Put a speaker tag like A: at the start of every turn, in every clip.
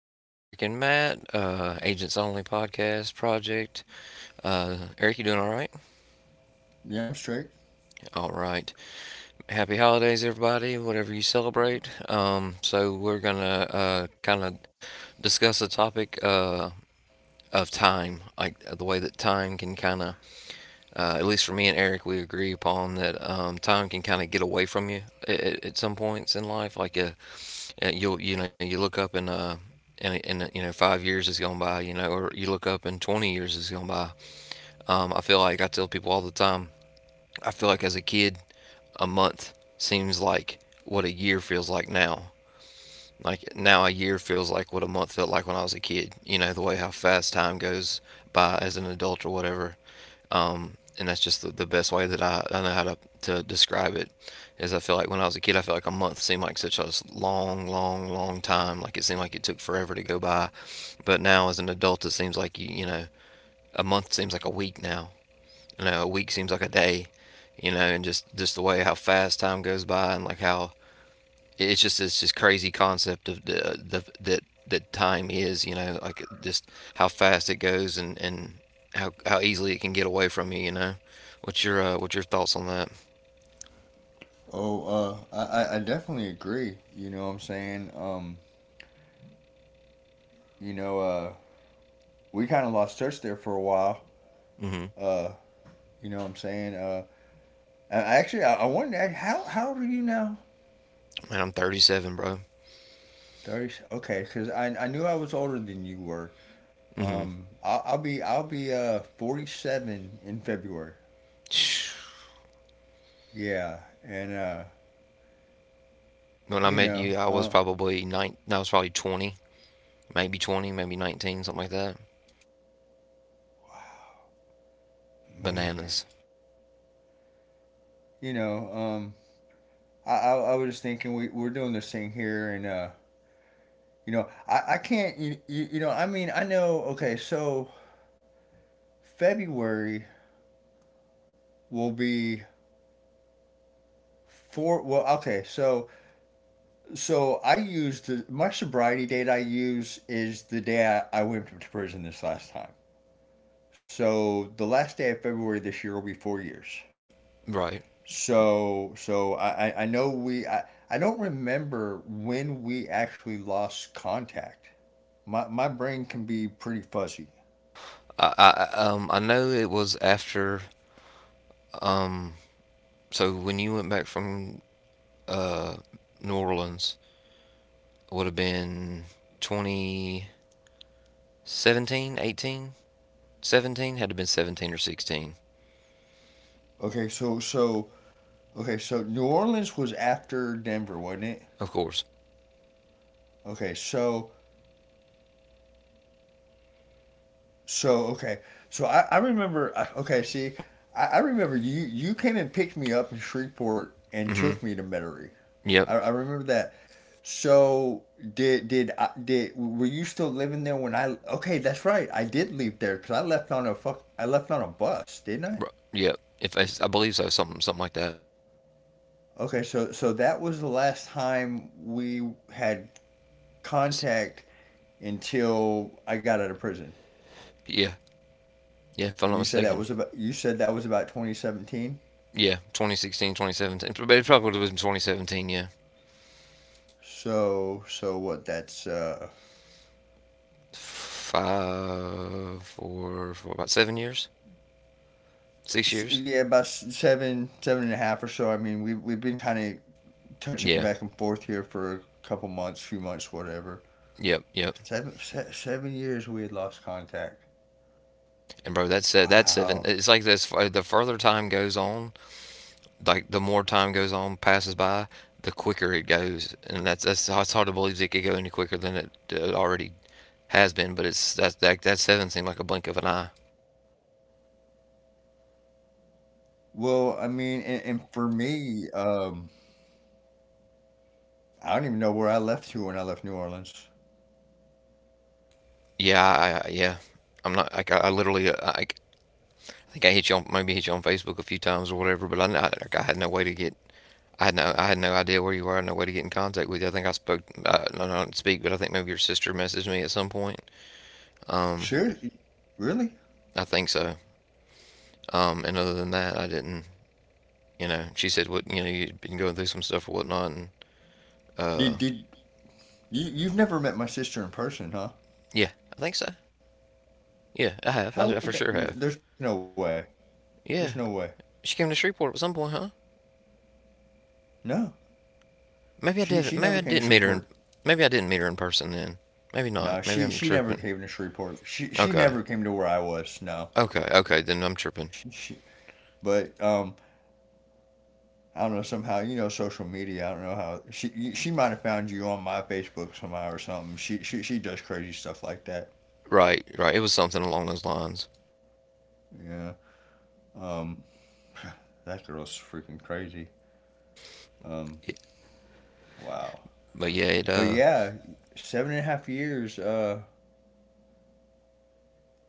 A: again, Eric and Matt, Agents Only Podcast Project. Eric, you doing all right?
B: Yeah, I'm straight.
A: All right. Happy holidays, everybody, whatever you celebrate. So we're gonna kind of discuss the topic of time, like the way that time can kind of at least for me and Eric, we agree upon that time can kind of get away from you at some points in life. You'll you know you look up and you know 5 years has gone by, you know, or you look up and 20 years has gone by. I feel like I tell people all the time, I feel like as a kid, a month seems like what a year feels like now. Like now a year feels like what a month felt like when I was a kid, you know, the way how fast time goes by as an adult or whatever. And that's just the best way that I know how to describe it is I feel like when I was a kid I felt like a month seemed like such a long long long time, like it seemed like it took forever to go by. But now as an adult it seems like you know a month seems like a week now. You know, a week seems like a day. You know, and just the way how fast time goes by and like how it's just crazy concept of the that that time is, you know, like just how fast it goes. And how easily it can get away from you, you know. What's your what's your thoughts on that?
B: I definitely agree. You know what I'm saying? You know, uh, we kind of lost touch there for a while.
A: Mm-hmm.
B: Uh, you know what I'm saying? I actually, I wanted to ask, how old are you now?
A: Man, I'm 37, bro.
B: 30, okay, because I knew I was older than you were.
A: Mm-hmm.
B: I'll, I'll be 47 in February. Yeah. And,
A: When I
B: you
A: met
B: know,
A: you I was probably nine, no, I was probably 20, maybe 20, maybe 19, something like that.
B: man,
A: Bananas.
B: you know, I was just thinking we're doing this thing here and, You know, I can't, you know, I mean, I know, okay, so February will be four. Well, okay, so I use my sobriety date I use is the day I went to prison this last time. So the last day of February this year will be 4 years.
A: Right.
B: So I know I don't remember when we actually lost contact. My brain can be pretty fuzzy.
A: I know it was after, um so when you went back from uh New Orleans, would have been 2017, 18, 17. Had to have been 17 or 16,
B: Okay, so, so, Okay, so New Orleans was after Denver, wasn't it?
A: of course.
B: Okay, so okay, so I remember. Okay, I remember you came and picked me up in Shreveport and took
A: Hmm.
B: me to Metairie. I,
A: Yep.
B: I remember that. So did were you still living there when I? Okay, that's right. I did leave there because I left on a fuck. I left on a bus, didn't I?
A: Yep. If I believe so, something like that.
B: Okay, so that was the last time we had contact until I got out of prison.
A: Yeah. Yeah, if
B: And
A: I'm not mistaken.
B: you said that was about 2017.
A: Yeah, 2016, 2017. But it probably would have been 2017, yeah.
B: So so what? That's
A: Five, four, four, about 7 years? 6 years?
B: Yeah, about seven and a half or so. I mean, we've been kind of touching
A: Yeah.
B: back and forth here for a couple months, few months, whatever.
A: Yep, yep.
B: Seven years we had lost contact.
A: And bro, that's seven.
B: Wow.
A: It's like this: the further time goes on, like the more time goes on, passes by, the quicker it goes, and that's it's hard to believe it could go any quicker than it already has been. But it's that seven seemed like a blink of an eye.
B: Well, I mean, and for me, I don't even know where I left you when I left New Orleans.
A: Yeah, yeah, I'm not like I literally like, I think I hit you on, maybe hit you on Facebook a few times or whatever, but I like, I had no way to get. I had no idea where you were. I had no way to get in contact with you. I think I spoke, no, I didn't speak, but I think maybe your sister messaged me at some point. Um,
B: Seriously? Really?
A: I think so. And other than that, I didn't, you know, she said what, you know, you have been going through some stuff or whatnot, and uh,
B: Did you you've never met my sister in person, huh?
A: yeah, I think so. Yeah, I have.
B: How would
A: I
B: that?
A: for sure
B: There's
A: have.
B: no way. There's no way.
A: Yeah, she came to Shreveport at some point, huh?
B: No, she
A: Maybe I
B: she never
A: didn't.
B: came
A: Maybe
B: to
A: I didn't meet
B: Shreveport.
A: her. In, maybe I didn't meet her in person then. Maybe
B: No,
A: not.
B: she
A: Maybe
B: she
A: I'm
B: never
A: tripping.
B: came to Shreveport. She
A: Okay.
B: never came to where I was. No,
A: Okay. Okay. Then I'm tripping.
B: she but. I don't know, somehow, you know, social media. I don't know how she might have found you on my Facebook somehow or something. She does crazy stuff like that.
A: Right. Right. It was something along those lines.
B: Yeah. Um. That girl's freaking crazy. Um.
A: It,
B: Wow.
A: but yeah, it
B: But
A: uh,
B: yeah, seven and a half years.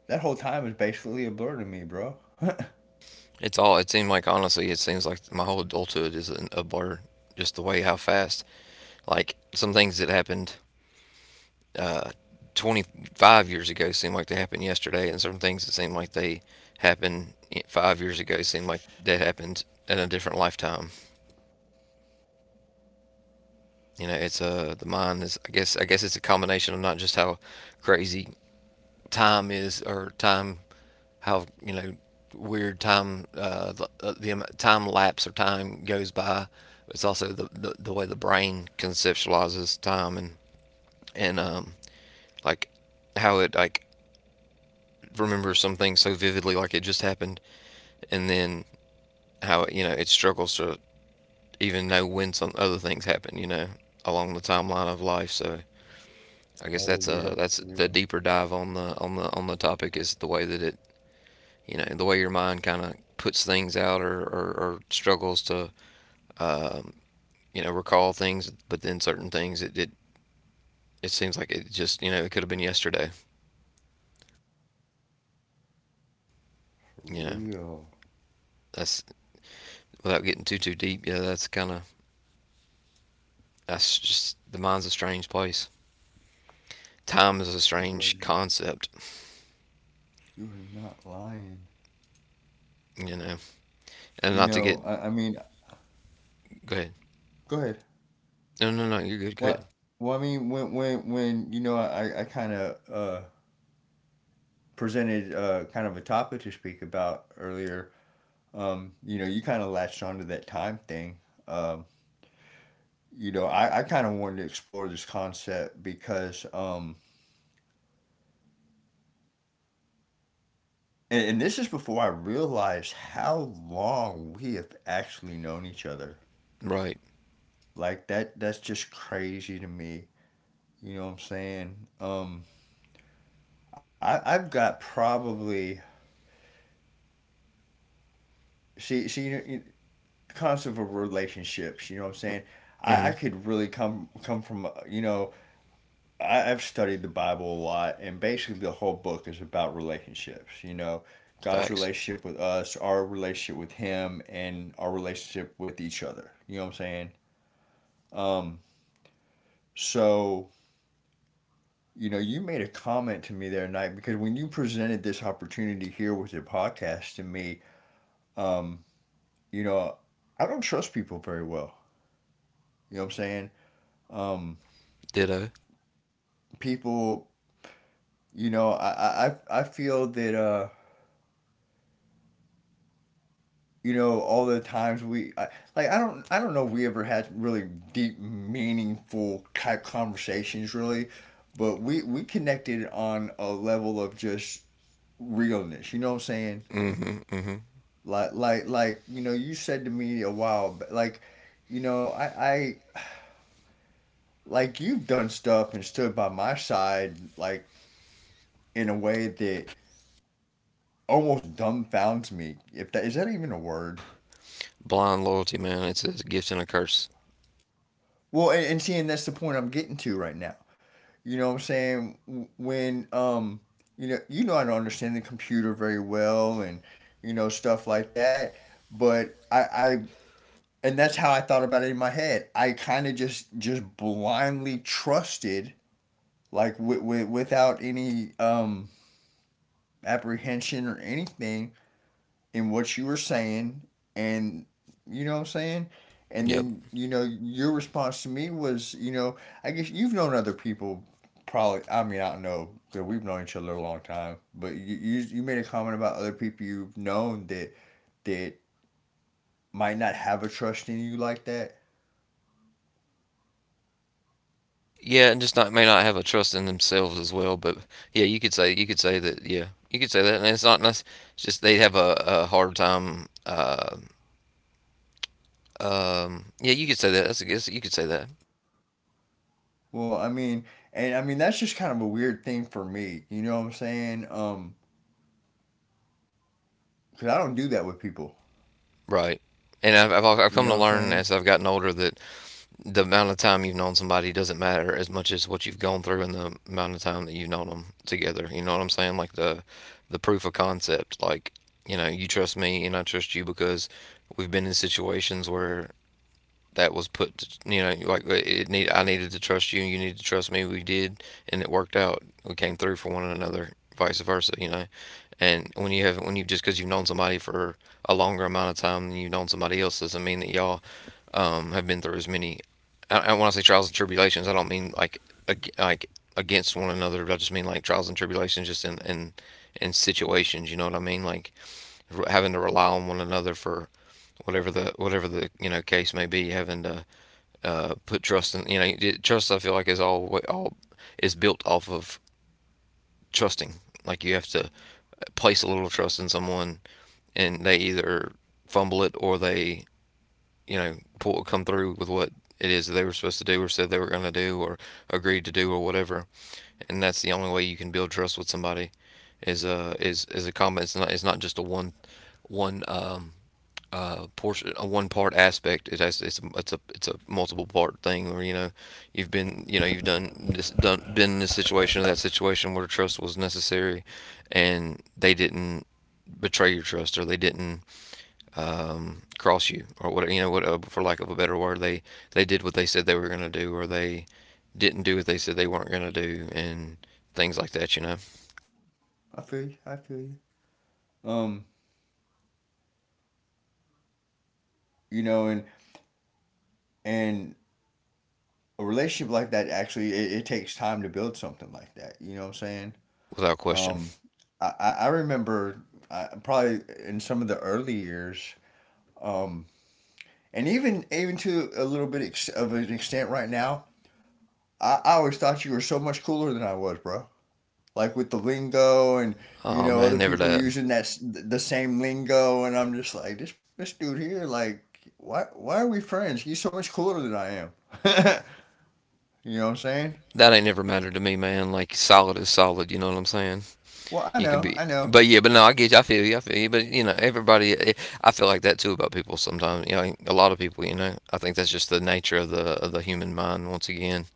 B: That whole time is basically a blur to me, bro.
A: it's all. It seemed like, honestly, it seems like my whole adulthood is an, a blur. Just the way how fast, like some things that happened uh, 25 years ago seem like they happened yesterday, and some things that seem like they happened 5 years ago seem like that happened in a different lifetime. You know, it's the mind is. I guess it's a combination of not just how crazy time is, or time, how, you know, weird time the time lapse or time goes by. It's also the way the brain conceptualizes time, and and um like how it like remember something so vividly like it just happened, and then how, you know, it struggles to even know when some other things happen, you know, along the timeline of life. So I guess
B: Oh
A: that's
B: yeah,
A: a,
B: for
A: that's the
B: real.
A: deeper dive on the topic, is the way that it, you know, the way your mind kind of puts things out or struggles to, um, you know, recall things, but then certain things it seems like it just, you know, it could have been yesterday, you
B: For
A: know.
B: real.
A: That's, without getting too deep, yeah, that's kind of, that's just the mind's a strange place, time is a
B: You are
A: strange
B: not.
A: concept,
B: You are not lying.
A: you know. And
B: You
A: not to get,
B: know, I, I mean,
A: go ahead.
B: go ahead.
A: No, no, no, you're good. Go ahead.
B: What? Well, I mean, when I kind of presented kind of a topic to speak about earlier. You know, you kind of latched onto that time thing. Um, I kind of wanted to explore this concept because and this is before I realized how long we have actually known each other.
A: Right.
B: Like that. That's just crazy to me. You know what I'm saying? I've got probably see see you know, the concept of relationships. You know what I'm saying?
A: Mm-hmm.
B: I could really come from you know, I, I've studied the Bible a lot and basically the whole book is about relationships. You know, God's
A: Facts.
B: relationship with us, our relationship with Him, and our relationship with each other. You know what I'm saying? Um, so you know you made a comment to me the other night because when you presented this opportunity here with your podcast to me, um, you know, I don't trust people very well. You know what I'm saying? Um,
A: Ditto.
B: people, you know, I feel that, you know, all the times like, I don't know if we ever had really deep, meaningful type conversations really, but we connected on a level of just realness. You know what I'm saying?
A: Mm-hmm. Mm-hmm.
B: You know, you said to me a while, but like, you know, I, I, like, you've done stuff and stood by my side, like, in a way that almost dumbfounds me. If that, is that even a word?
A: Blind loyalty, man. It's a gift and a curse.
B: Well, and seeing that's the point I'm getting to right now. You know what I'm saying? When You know, you know, I don't understand the computer very well, and you know, stuff like that. But and that's how I thought about it in my head. I kind of just blindly trusted, like without any apprehension or anything, in what you were saying, and you know what I'm saying? And
A: Yep.
B: then, you know, your response to me was, you know, I guess you've known other people probably, I mean, I don't know, because we've known each other a long time, but you made a comment about other people you've known that might not have a trust in you like that.
A: Yeah, and just not, may not have a trust in themselves as well. But yeah, you could say, you could say that. Yeah, you could say that. And it's not. It's just they have a hard time. Yeah, you could say that. That's a guess. You could say that.
B: Well, I mean, and I mean that's just kind of a weird thing for me. You know what I'm saying? Cause I don't do that with people.
A: Right. And I've come
B: You know
A: to
B: what I'm
A: learn
B: saying?
A: as I've gotten older that the amount of time you've known somebody doesn't matter as much as what you've gone through and the amount of time that you've known them together. You know what I'm saying? Like the proof of concept. Like, you know, you trust me and I trust you because we've been in situations where that was put to, you know, like it need I needed to trust you and you needed to trust me, we did, and it worked out, we came through for one another, vice versa, you know. And when you have, when you, just because you've known somebody for a longer amount of time than you've known somebody else doesn't mean that y'all have been through as many, I when I say trials and tribulations I don't mean like ag- like against one another, I just mean like trials and tribulations just in situations, you know what I mean, like having to rely on one another for whatever the, whatever the, you know, case may be, having to put trust in. You know, trust I feel like is all is built off of trusting. Like you have to place a little trust in someone, and they either fumble it or they, you know, pull, come through with what it is that they were supposed to do, or said they were going to do, or agreed to do, or whatever. And that's the only way you can build trust with somebody is is a combat. It's not just a one portion, a one part aspect. It has, it's a, it's a multiple part thing where, you know, you've been, you know, you've done this, done, been in this situation or that situation where trust was necessary, and they didn't betray your trust, or they didn't, cross you or whatever, you know what, for lack of a better word, they did what they said they were going to do, or they didn't do what they said they weren't going to do, and things like that, you know.
B: I feel you. I feel you. Um, you know, and a relationship like that actually, it takes time to build something like that, you know what I'm saying?
A: Without question.
B: um I remember I, probably in some of the early years, um and even to a little bit ex- of an extent right now, I always thought you were so much cooler than I was, bro, like with the lingo and
A: Oh
B: you know,
A: man,
B: other
A: never
B: people
A: that.
B: using that the same lingo, and I'm just like, this dude here, like, why are we friends? He's so much cooler than I am. You know what I'm saying?
A: That ain't never mattered to me, man. Like solid is solid, you know what I'm saying.
B: Well, I
A: You can
B: know,
A: be,
B: I know.
A: but yeah, but no, I get you, I feel you, I feel you. But you know, everybody, I feel like that too about people sometimes, you know, a lot of people, you know, I think that's just the nature of the human mind, once again,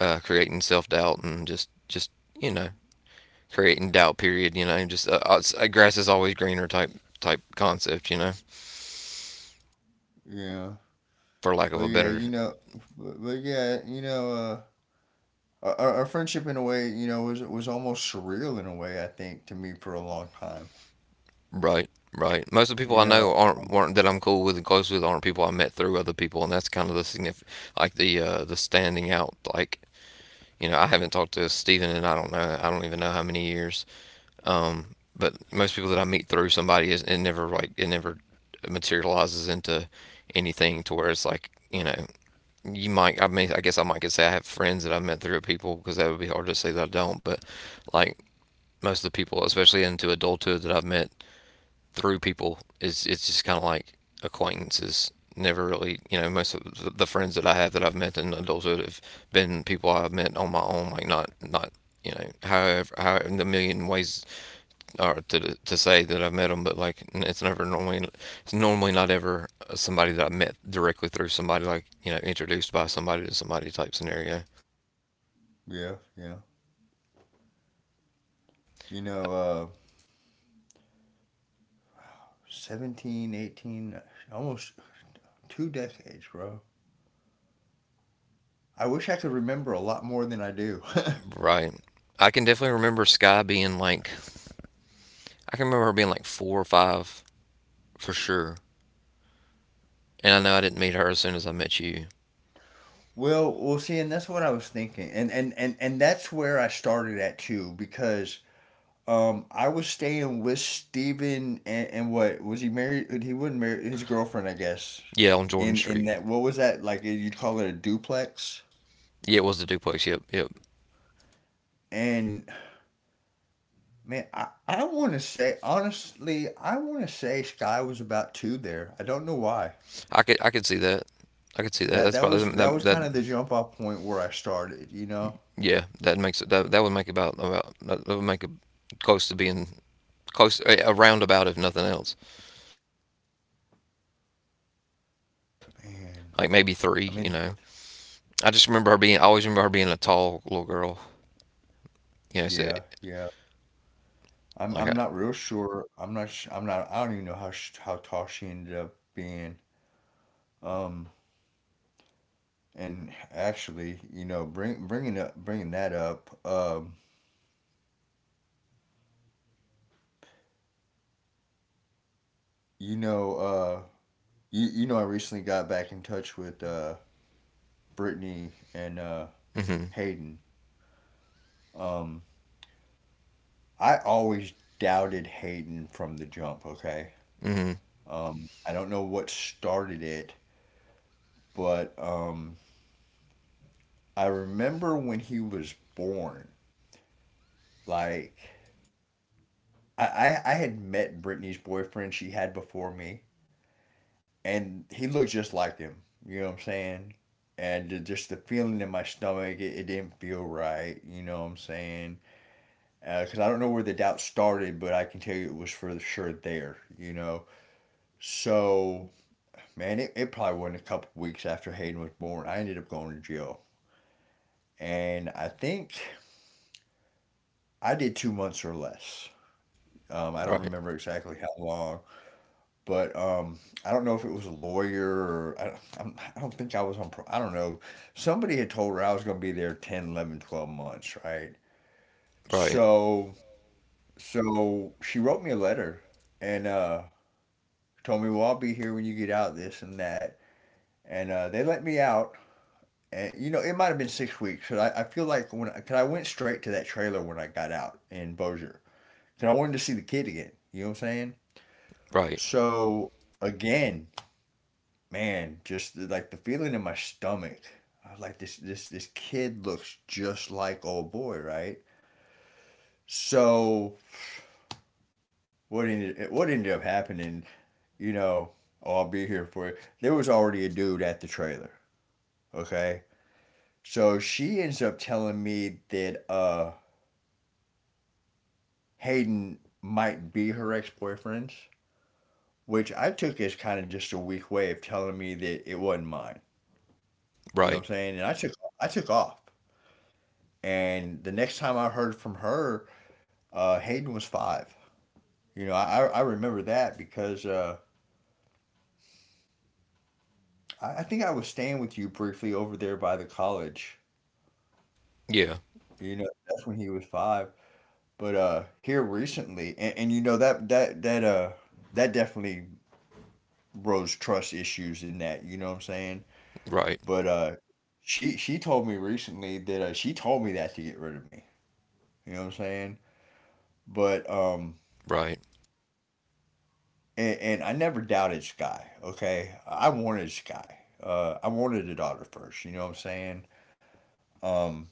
A: creating self-doubt and just you know, creating doubt, period, you know, just grass is always greener type, type concept, you know,
B: Yeah.
A: for lack
B: But
A: of a
B: yeah,
A: better.
B: you know, but yeah, you know, our, our friendship in a way, you know, was almost surreal in a way, I think, to me for a long time.
A: Right. Right. Most of the people
B: You
A: I
B: know,
A: know aren't,
B: um,
A: weren't, that I'm cool with and close with, aren't people I met through other people, and that's kind of the significant, like the standing out, like, you know, I haven't talked to Stephen in I don't know, I don't even know how many years. But most people that I meet through somebody is it never like it never materializes into anything to where it's like, you know, you might, I mean, I guess I might could say I have friends that I've met through people because that would be hard to say that I don't. But like most of the people, especially into adulthood, that I've met through people is it's just kind of like acquaintances. Never really, you know, most of friends that I have that I've met in adulthood have been people I've met on my own, like not you know, however in the million ways are to say that I've met them, but like it's never normally, it's normally not ever somebody that I met directly through somebody, like, you know, introduced by somebody to somebody type scenario,
B: yeah, yeah. You know, 17, 18, almost two decades, bro. I wish I could remember a lot more than I do.
A: right? I can definitely remember Sky being like, I can remember her being like four or five for sure. And I know I didn't meet her as soon as I met you.
B: Well, well, see, and that's what I was thinking, and that's where I started at too, because I was staying with Steven and what was he married? He wasn't married. His girlfriend, I guess.
A: Yeah, on Jordan
B: In
A: Street.
B: that, what was that like? You call it a duplex?
A: Yeah, it was the duplex. Yep, yep.
B: And man, I want to say honestly, I want to say Sky was about two there. I don't know why.
A: I could see that. I could see that.
B: That
A: That's
B: that was
A: probably
B: that
A: that
B: was
A: that.
B: kind of the jump off point where I started. You know,
A: Yeah, that makes it. That would make about that would make it close to being close, a roundabout if nothing else.
B: man.
A: Like maybe
B: I
A: three. You
B: mean,
A: know, I just remember her being, I always remember her being a tall little girl. You know, so
B: yeah, yeah. I'm
A: like I.
B: I'm not real sure. I'm not. I'm not. I don't even know how how tall she ended up being. Um, And actually, you know, bringing that up, you know, you you know, I recently got back in touch with Brittany and
A: Mm-hmm.
B: Hayden. Um, I always doubted Hayden from the jump. Okay,
A: Mm-hmm.
B: I don't know what started it, but I remember when he was born. Like I had met Brittany's boyfriend she had before me and he looked just like him. You know what I'm saying? And just the feeling in my stomach, it didn't feel right. You know what I'm saying? Because I don't know where the doubt started, but I can tell you it was for sure there. You know. So man, it probably wasn't a couple weeks after Hayden was born. I ended up going to jail, and I think I did 2 months or less. I don't
A: Right.
B: remember exactly how long. But I don't know if it was a lawyer or I do not think I was on, I don't know. Somebody had told her I was going to be there 10, 11, 12 months, right?
A: Right.
B: So, so she wrote me a letter and told me, well, I'll be here when you get out, this and that. And they let me out. And, you know, it might have been 6 weeks. Cause I feel like when, cause I went straight to that trailer when I got out in Bossier. Cause I wanted to see the kid again. You know what I'm saying?
A: Right.
B: So again, man, just like the feeling in my stomach. I was like, this this kid looks just like old boy, right? So what ended up happening, you know, oh, I'll be here for it. There was already a dude at the trailer, okay? So she ends up telling me that Hayden might be her ex boyfriend's, which I took as kind of just a weak way of telling me that it wasn't mine. You know
A: Right.
B: what I'm saying? And I took off. And the next time I heard from her, Hayden was five. You know, I remember that because I think I was staying with you briefly over there by the college.
A: Yeah.
B: You know, that's when he was five. But here recently, and you know that definitely rose trust issues in that. You know what I'm saying?
A: Right.
B: But she told me recently that she told me that to get rid of me. You know what I'm saying?
A: Right.
B: But um, and I never doubted Sky. Okay, I wanted Sky. I wanted a daughter first. You know what I'm saying? Um,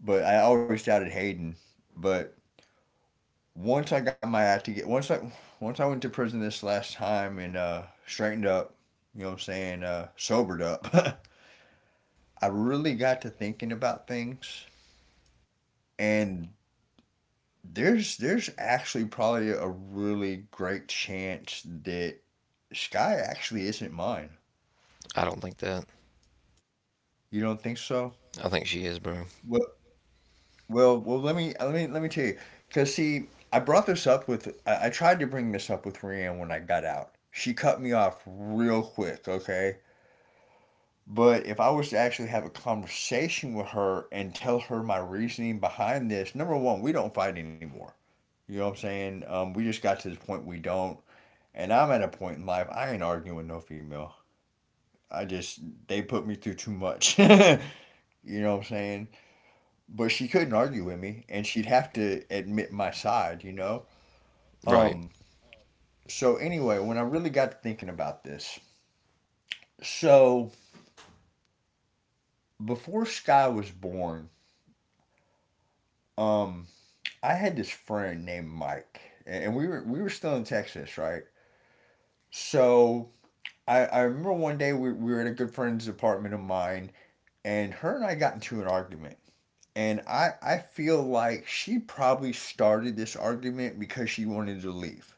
B: but I always doubted Hayden. But once I got my act together, once I went to prison this last time and straightened up, you know what I'm saying, sobered up, I really got to thinking about things. And there's actually probably a really great chance that Sky actually isn't mine.
A: I don't think that.
B: You don't think so?
A: I think she is, bro.
B: Well, Well, well, let me let me let me tell you, because see, I tried to bring this up with Rhiannon when I got out. She cut me off real quick, okay? But if I was to actually have a conversation with her and tell her my reasoning behind this, number one, we don't fight anymore. You know what I'm saying? We just got to this point we don't, and I'm at a point in life I ain't arguing with no female. I just They put me through too much. You know what I'm saying? But she couldn't argue with me and she'd have to admit my side, you know?
A: Right.
B: Um, so anyway, when I really got to thinking about this, so before Sky was born, um, I had this friend named Mike, and we were still in Texas, right? So I remember one day we were at a good friend's apartment of mine, and her and I got into an argument. And I feel like she probably started this argument because she wanted to leave.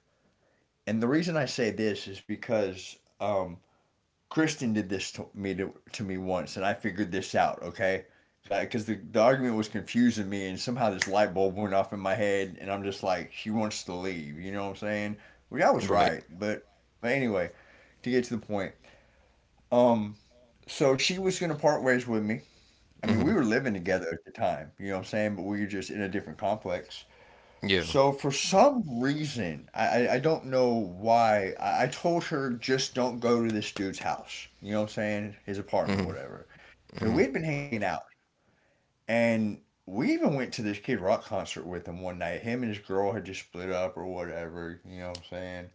B: And the reason I say this is because Kristen did this to me once, and I figured this out. Okay, because the argument was confusing me, and somehow this light bulb went off in my head, and I'm just like, she wants to leave. You know what I'm saying? Well, I
A: Right.
B: was right, but anyway, to get to the point, um, so she was gonna part ways with me. I mean,
A: Mm-hmm.
B: we were living together at the time. You know what I'm saying? But we were just in a different complex.
A: Yeah.
B: So for some reason, I don't know why, I told her just don't go to this dude's house. You know what I'm saying? His
A: Mm-hmm.
B: apartment, whatever.
A: Mm-hmm.
B: So we had been hanging out and we even went to this Kid Rock concert with him one night. Him and his girl had just split up or whatever, you know what I'm saying?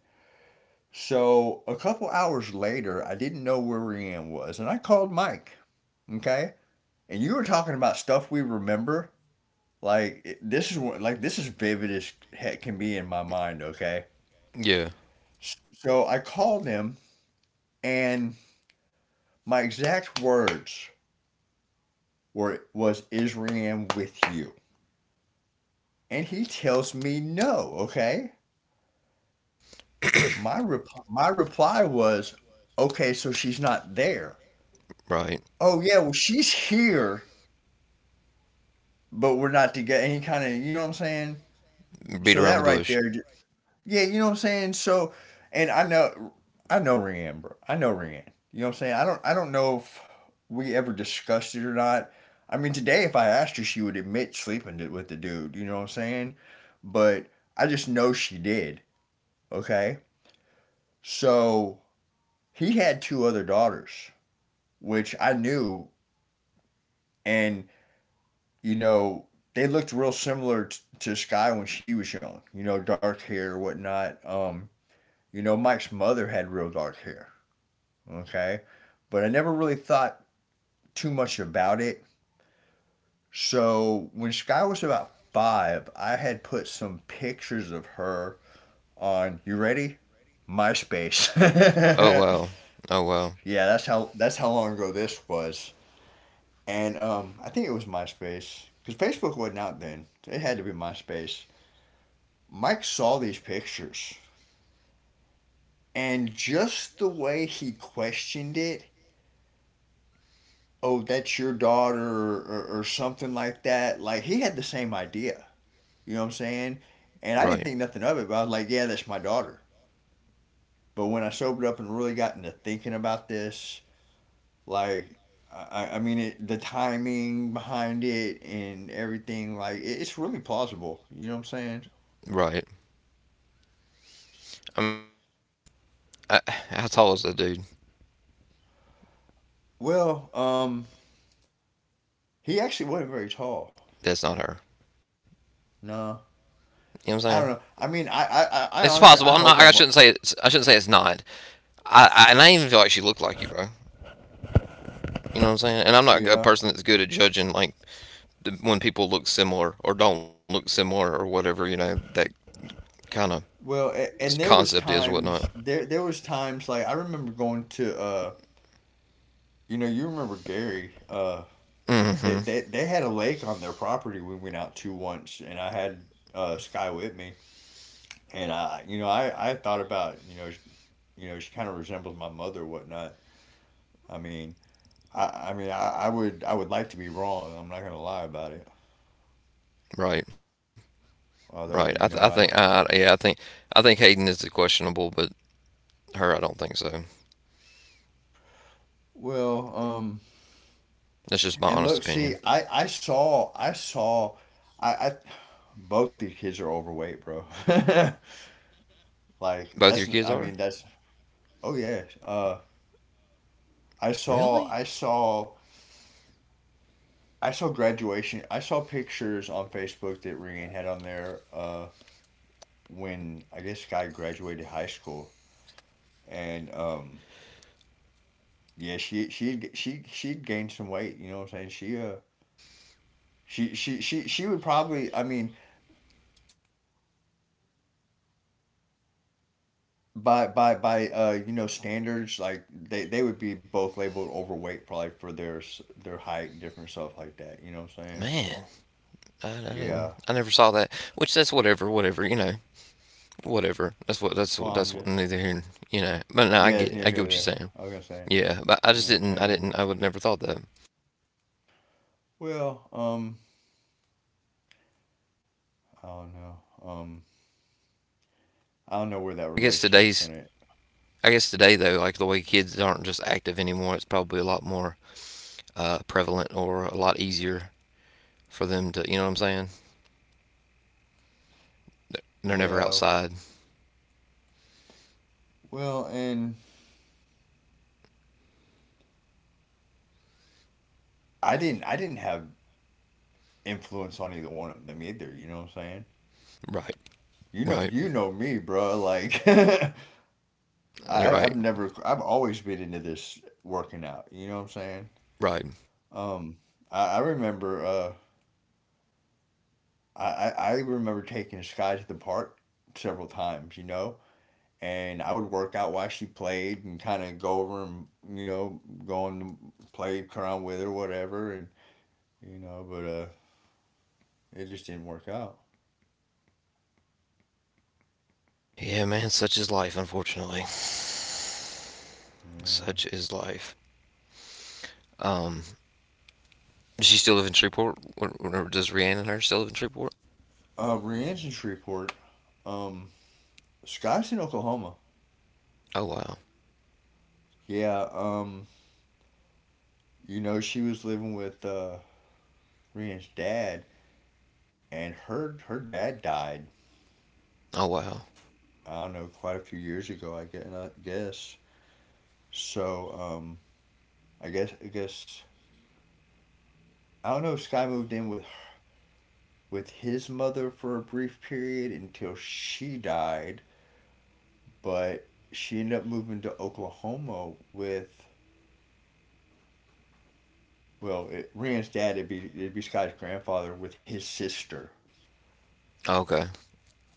B: So a couple hours later, I didn't know where Rianne was, and I called Mike. Okay, and you were talking about stuff we remember. Like this is what, like this is vivid as heck can be in my mind. Okay,
A: Yeah.
B: so I called him, and my exact words were was Israel with you, and he tells me no. Okay, my reply was okay. So she's not there.
A: Right.
B: Oh yeah, well she's here, but we're not together. And he kind of, you know what I'm saying.
A: Beat around the
B: So that
A: bush.
B: right there. Yeah, you know what I'm saying? So, and I know Rianne, bro. I know Rianne. You know what I'm saying? I don't know if we ever discussed it or not. I mean, today, if I asked her, she would admit sleeping with the dude. You know what I'm saying? But I just know she did. Okay. So he had two other daughters, which I knew, and you know they looked real similar to Sky when she was young. You know, dark hair, or whatnot. You know, Mike's mother had real dark hair. Okay? But I never really thought too much about it. So when Sky was about five, I had put some pictures of her on, you ready? MySpace.
A: Oh wow. Oh wow.
B: Yeah, that's how long ago this was. And I think it was MySpace because Facebook wasn't out then. It had to be MySpace. Mike saw these pictures, and just the way he questioned it, oh, that's your daughter, or something like that. Like he had the same idea. You know what I'm saying? And I
A: Right.
B: didn't think nothing of it, but I was like, yeah, that's my daughter. But when I sobered up and really got into thinking about this, like, I mean, the timing behind it and everything, like, it's really plausible. You know what I'm saying?
A: Right. I mean, I, how tall is the dude?
B: Well, he actually wasn't very tall.
A: That's not her.
B: No,
A: You know what
B: I
A: I'm
B: don't
A: saying?
B: know. I mean, I
A: It's
B: honestly, I
A: possible. I'm
B: hope
A: not.
B: I'm
A: I
B: wrong.
A: shouldn't say it's. I shouldn't say it's not. I and I even feel like she looked like you, bro. You know what I'm saying? And I'm not a
B: Yeah.
A: person that's good at judging like the, when people look similar or don't look similar or whatever. You know that kind of
B: Well, and there was
A: concept is or whatnot.
B: times like I remember going to you know you remember Gary They,
A: Mm-hmm.
B: they, they had a lake on their property we went out to once, and I had Sky with me. And you know, I thought about, you know, she kind of resembles my mother, or whatnot. I mean, I would like to be wrong. I'm not gonna lie about it.
A: Right.
B: Although,
A: Right.
B: you
A: I
B: know, I
A: think.
B: don't.
A: Yeah. I think. I think Hayden is questionable, but her, I don't think so.
B: Well,
A: That's just my
B: and look,
A: honest
B: see,
A: opinion.
B: I saw, I saw, I, both these kids are overweight, bro. Like
A: Both your
B: that's,
A: kids
B: I
A: are?
B: mean, that's. Oh yeah. I saw,
A: Really?
B: I saw I saw graduation. I saw pictures on Facebook that Rian had on there when I guess Sky graduated high school, and yeah, she gained some weight. You know what I'm saying? She would probably. I mean, by you know standards, like they would be both labeled overweight probably for their height, different stuff like that. You know what I'm saying?
A: Man, I
B: Yeah.
A: didn't. I never saw that. Which that's whatever, whatever. You know, whatever. That's what. That's
B: Well,
A: what. That's what, neither here. You know. But no,
B: yeah,
A: I
B: it's
A: get. It.
B: near
A: I
B: here or
A: get what
B: there.
A: you're saying.
B: I was gonna say.
A: Yeah, but I
B: You know what
A: just
B: I'm
A: didn't. I
B: saying?
A: didn't. I would never thought that.
B: Well, I don't know. Um. I don't know where that
A: I guess
B: relationship's
A: today's.
B: gonna.
A: I guess today though, like the way kids aren't just active anymore, it's probably a lot more prevalent or a lot easier for them to. You know what I'm saying? They're- They're never
B: Yeah.
A: outside.
B: Well, and I didn't have influence on either one of them either. You know what I'm saying?
A: Right.
B: You know. You
A: Right.
B: know me, bro. Like, I've
A: You're
B: never.
A: right.
B: I've always been into this working out. You know what I'm saying?
A: Right.
B: Um, I remember. I remember taking Sky to the park several times. You know. And I would work out while she played and kind of go over and, you know, go and play around with her, whatever. And, you know, but it just didn't work out.
A: Yeah, man, such is life, unfortunately.
B: Yeah.
A: Such is life. Um, does she still live in Shreveport? Or does Rhiannon and her still live in Shreveport?
B: Brienne's in Shreveport. Um, Scott's in Oklahoma.
A: Oh wow.
B: Yeah. You know she was living with Brienne's dad, and her dad died.
A: Oh wow.
B: I don't know, quite a few years ago. I guess. So I guess I don't know if Sky moved in with his mother for a brief period until she died, but she ended up moving to Oklahoma with Well, Rand's dad, it'd be Scott's grandfather with his sister.
A: Okay.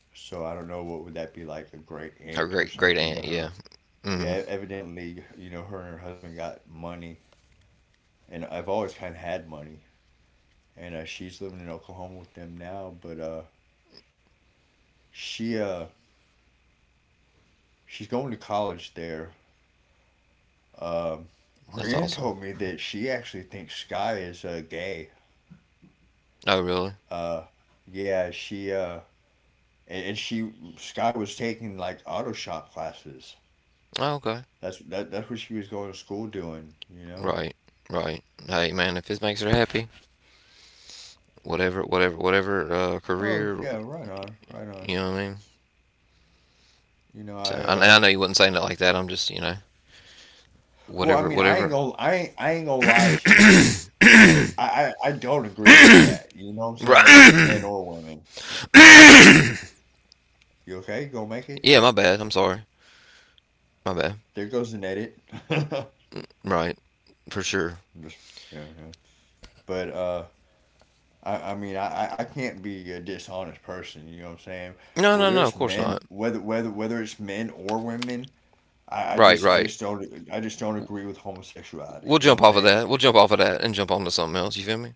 B: So I don't know what would that be like, a great
A: Her
B: aunt or
A: great great
B: something to
A: aunt. Yeah.
B: her.
A: Mm. hmm.
B: Yeah, evidently, you know, her and her husband got money, and I've always kind of had money, and she's living in Oklahoma with them now. But she uh, she's going to college there. Um,
A: That's
B: Rand
A: awesome.
B: told me that she actually thinks Sky is gay.
A: Oh really?
B: Uh, yeah, she and she Sky was taking like auto shop classes.
A: Oh, okay.
B: That's what she was going to school doing, you know?
A: Right. Right. Hey man, if this makes her happy, whatever, whatever, whatever
B: Oh
A: career,
B: yeah, right on, right on.
A: you know what I mean.
B: You know,
A: So,
B: I
A: and I know you wasn't saying it like that. I'm just, you know,
B: well, I
A: whatever,
B: mean, I ain't
A: whatever.
B: gonna I ain't I ain't gonna lie to you. I don't agree with that. You know what I'm saying? Men
A: Right.
B: or women. You okay? Go make it?
A: Yeah, my bad. I'm sorry. My bad.
B: There goes an edit. Just-
A: Right, for sure.
B: yeah, yeah. But I mean, I can't be a dishonest person, you know what I'm saying?
A: No, no,
B: Whether
A: no. Of
B: it's
A: course not.
B: men whether whether whether it's men or women, I, I
A: Right,
B: just I
A: right.
B: just don't I just don't
A: W-
B: agree with homosexuality.
A: we'll
B: You know what
A: jump
B: I'm
A: off of
B: saying?
A: that. We'll jump off of that and jump onto something else. You feel me?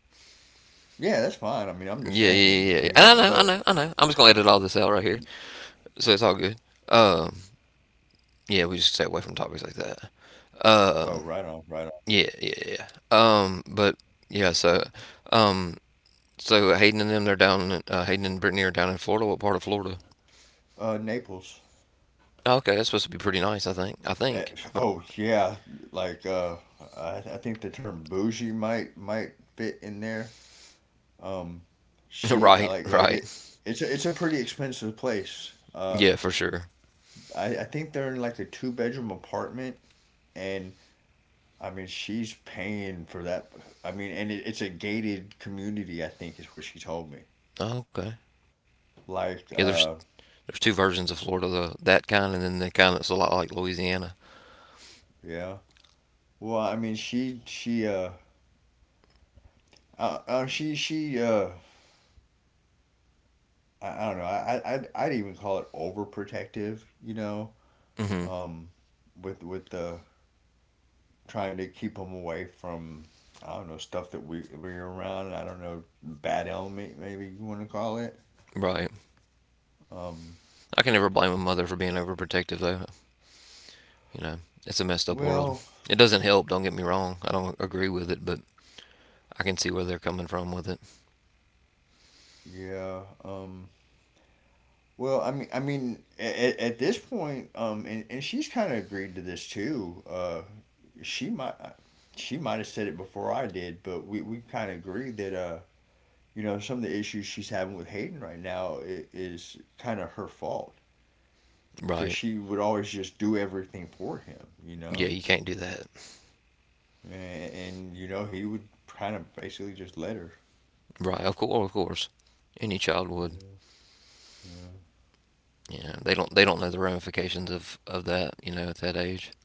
B: Yeah, that's fine. I mean, I'm just
A: Yeah, yeah,
B: saying. I
A: yeah. And
B: mean,
A: I know,
B: but
A: I know, I know. I'm just gonna edit all this out right here, so it's all good. Um, yeah, we just stay away from topics like that.
B: oh,
A: Um,
B: right on, right
A: yeah, yeah, yeah. But yeah, so, um, so Hayden and them, they're down. In, Hayden and Brittany are down in Florida. What part of Florida?
B: on. Naples.
A: Oh, okay, that's supposed to be pretty nice. I think. I
B: Eh,
A: think. But-
B: Oh yeah, like I think the term bougie might fit in there. Um, she I like
A: Right,
B: like it.
A: right.
B: It's a pretty expensive place.
A: Yeah, for sure.
B: I think they're in like a two-bedroom apartment, and I mean she's paying for that. I mean, and it's a gated community. I think is what she told me.
A: Oh, okay.
B: Like
A: Yeah, there's there's two versions of Florida, the that kind and then the kind that's a lot like Louisiana.
B: yeah. Well, I mean she I don't know. I'd even call it overprotective. You know,
A: Hmm.
B: um, with the trying to keep them away from, I don't know, stuff that we're around. I don't know, bad element maybe you want to call it.
A: Right.
B: Um,
A: I can never blame a mother for being overprotective, though. You know, it's a messed up world.
B: well,
A: It doesn't help. Don't get me wrong. I don't agree with it, but I can see where they're coming from with it.
B: yeah. Well, I mean, at this point, and she's kind of agreed to this too. She might have said it before I did, but we kind of agreed that you know, some of the issues she's having with Hayden right now is kind of her fault because
A: Right.
B: she would always just do everything for him, you know,
A: Yeah, you can't do that.
B: and, you know he would kind of basically just let her.
A: Right. Of course. Of course. Any child would.
B: Yeah, yeah,
A: You know, they don't. They don't know the ramifications of that. You know, at that age,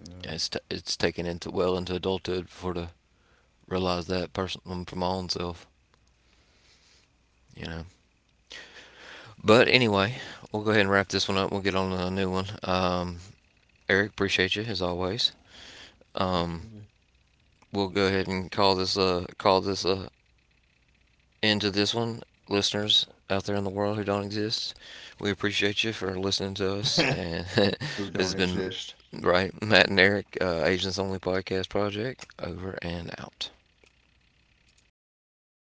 B: yeah,
A: it's it's taken into well into adulthood for to realize that person for my own self. You know. But anyway, we'll go ahead and wrap this one up. We'll get on to a new one. Eric, appreciate you as always. Um, we'll go ahead and call this end to this one, listeners out there in the world who don't exist. We appreciate you for listening to us,
B: absolutely.
A: and this
B: Who don't
A: has been
B: exist.
A: right Matt and Eric, Agents Only Podcast Project, over and out.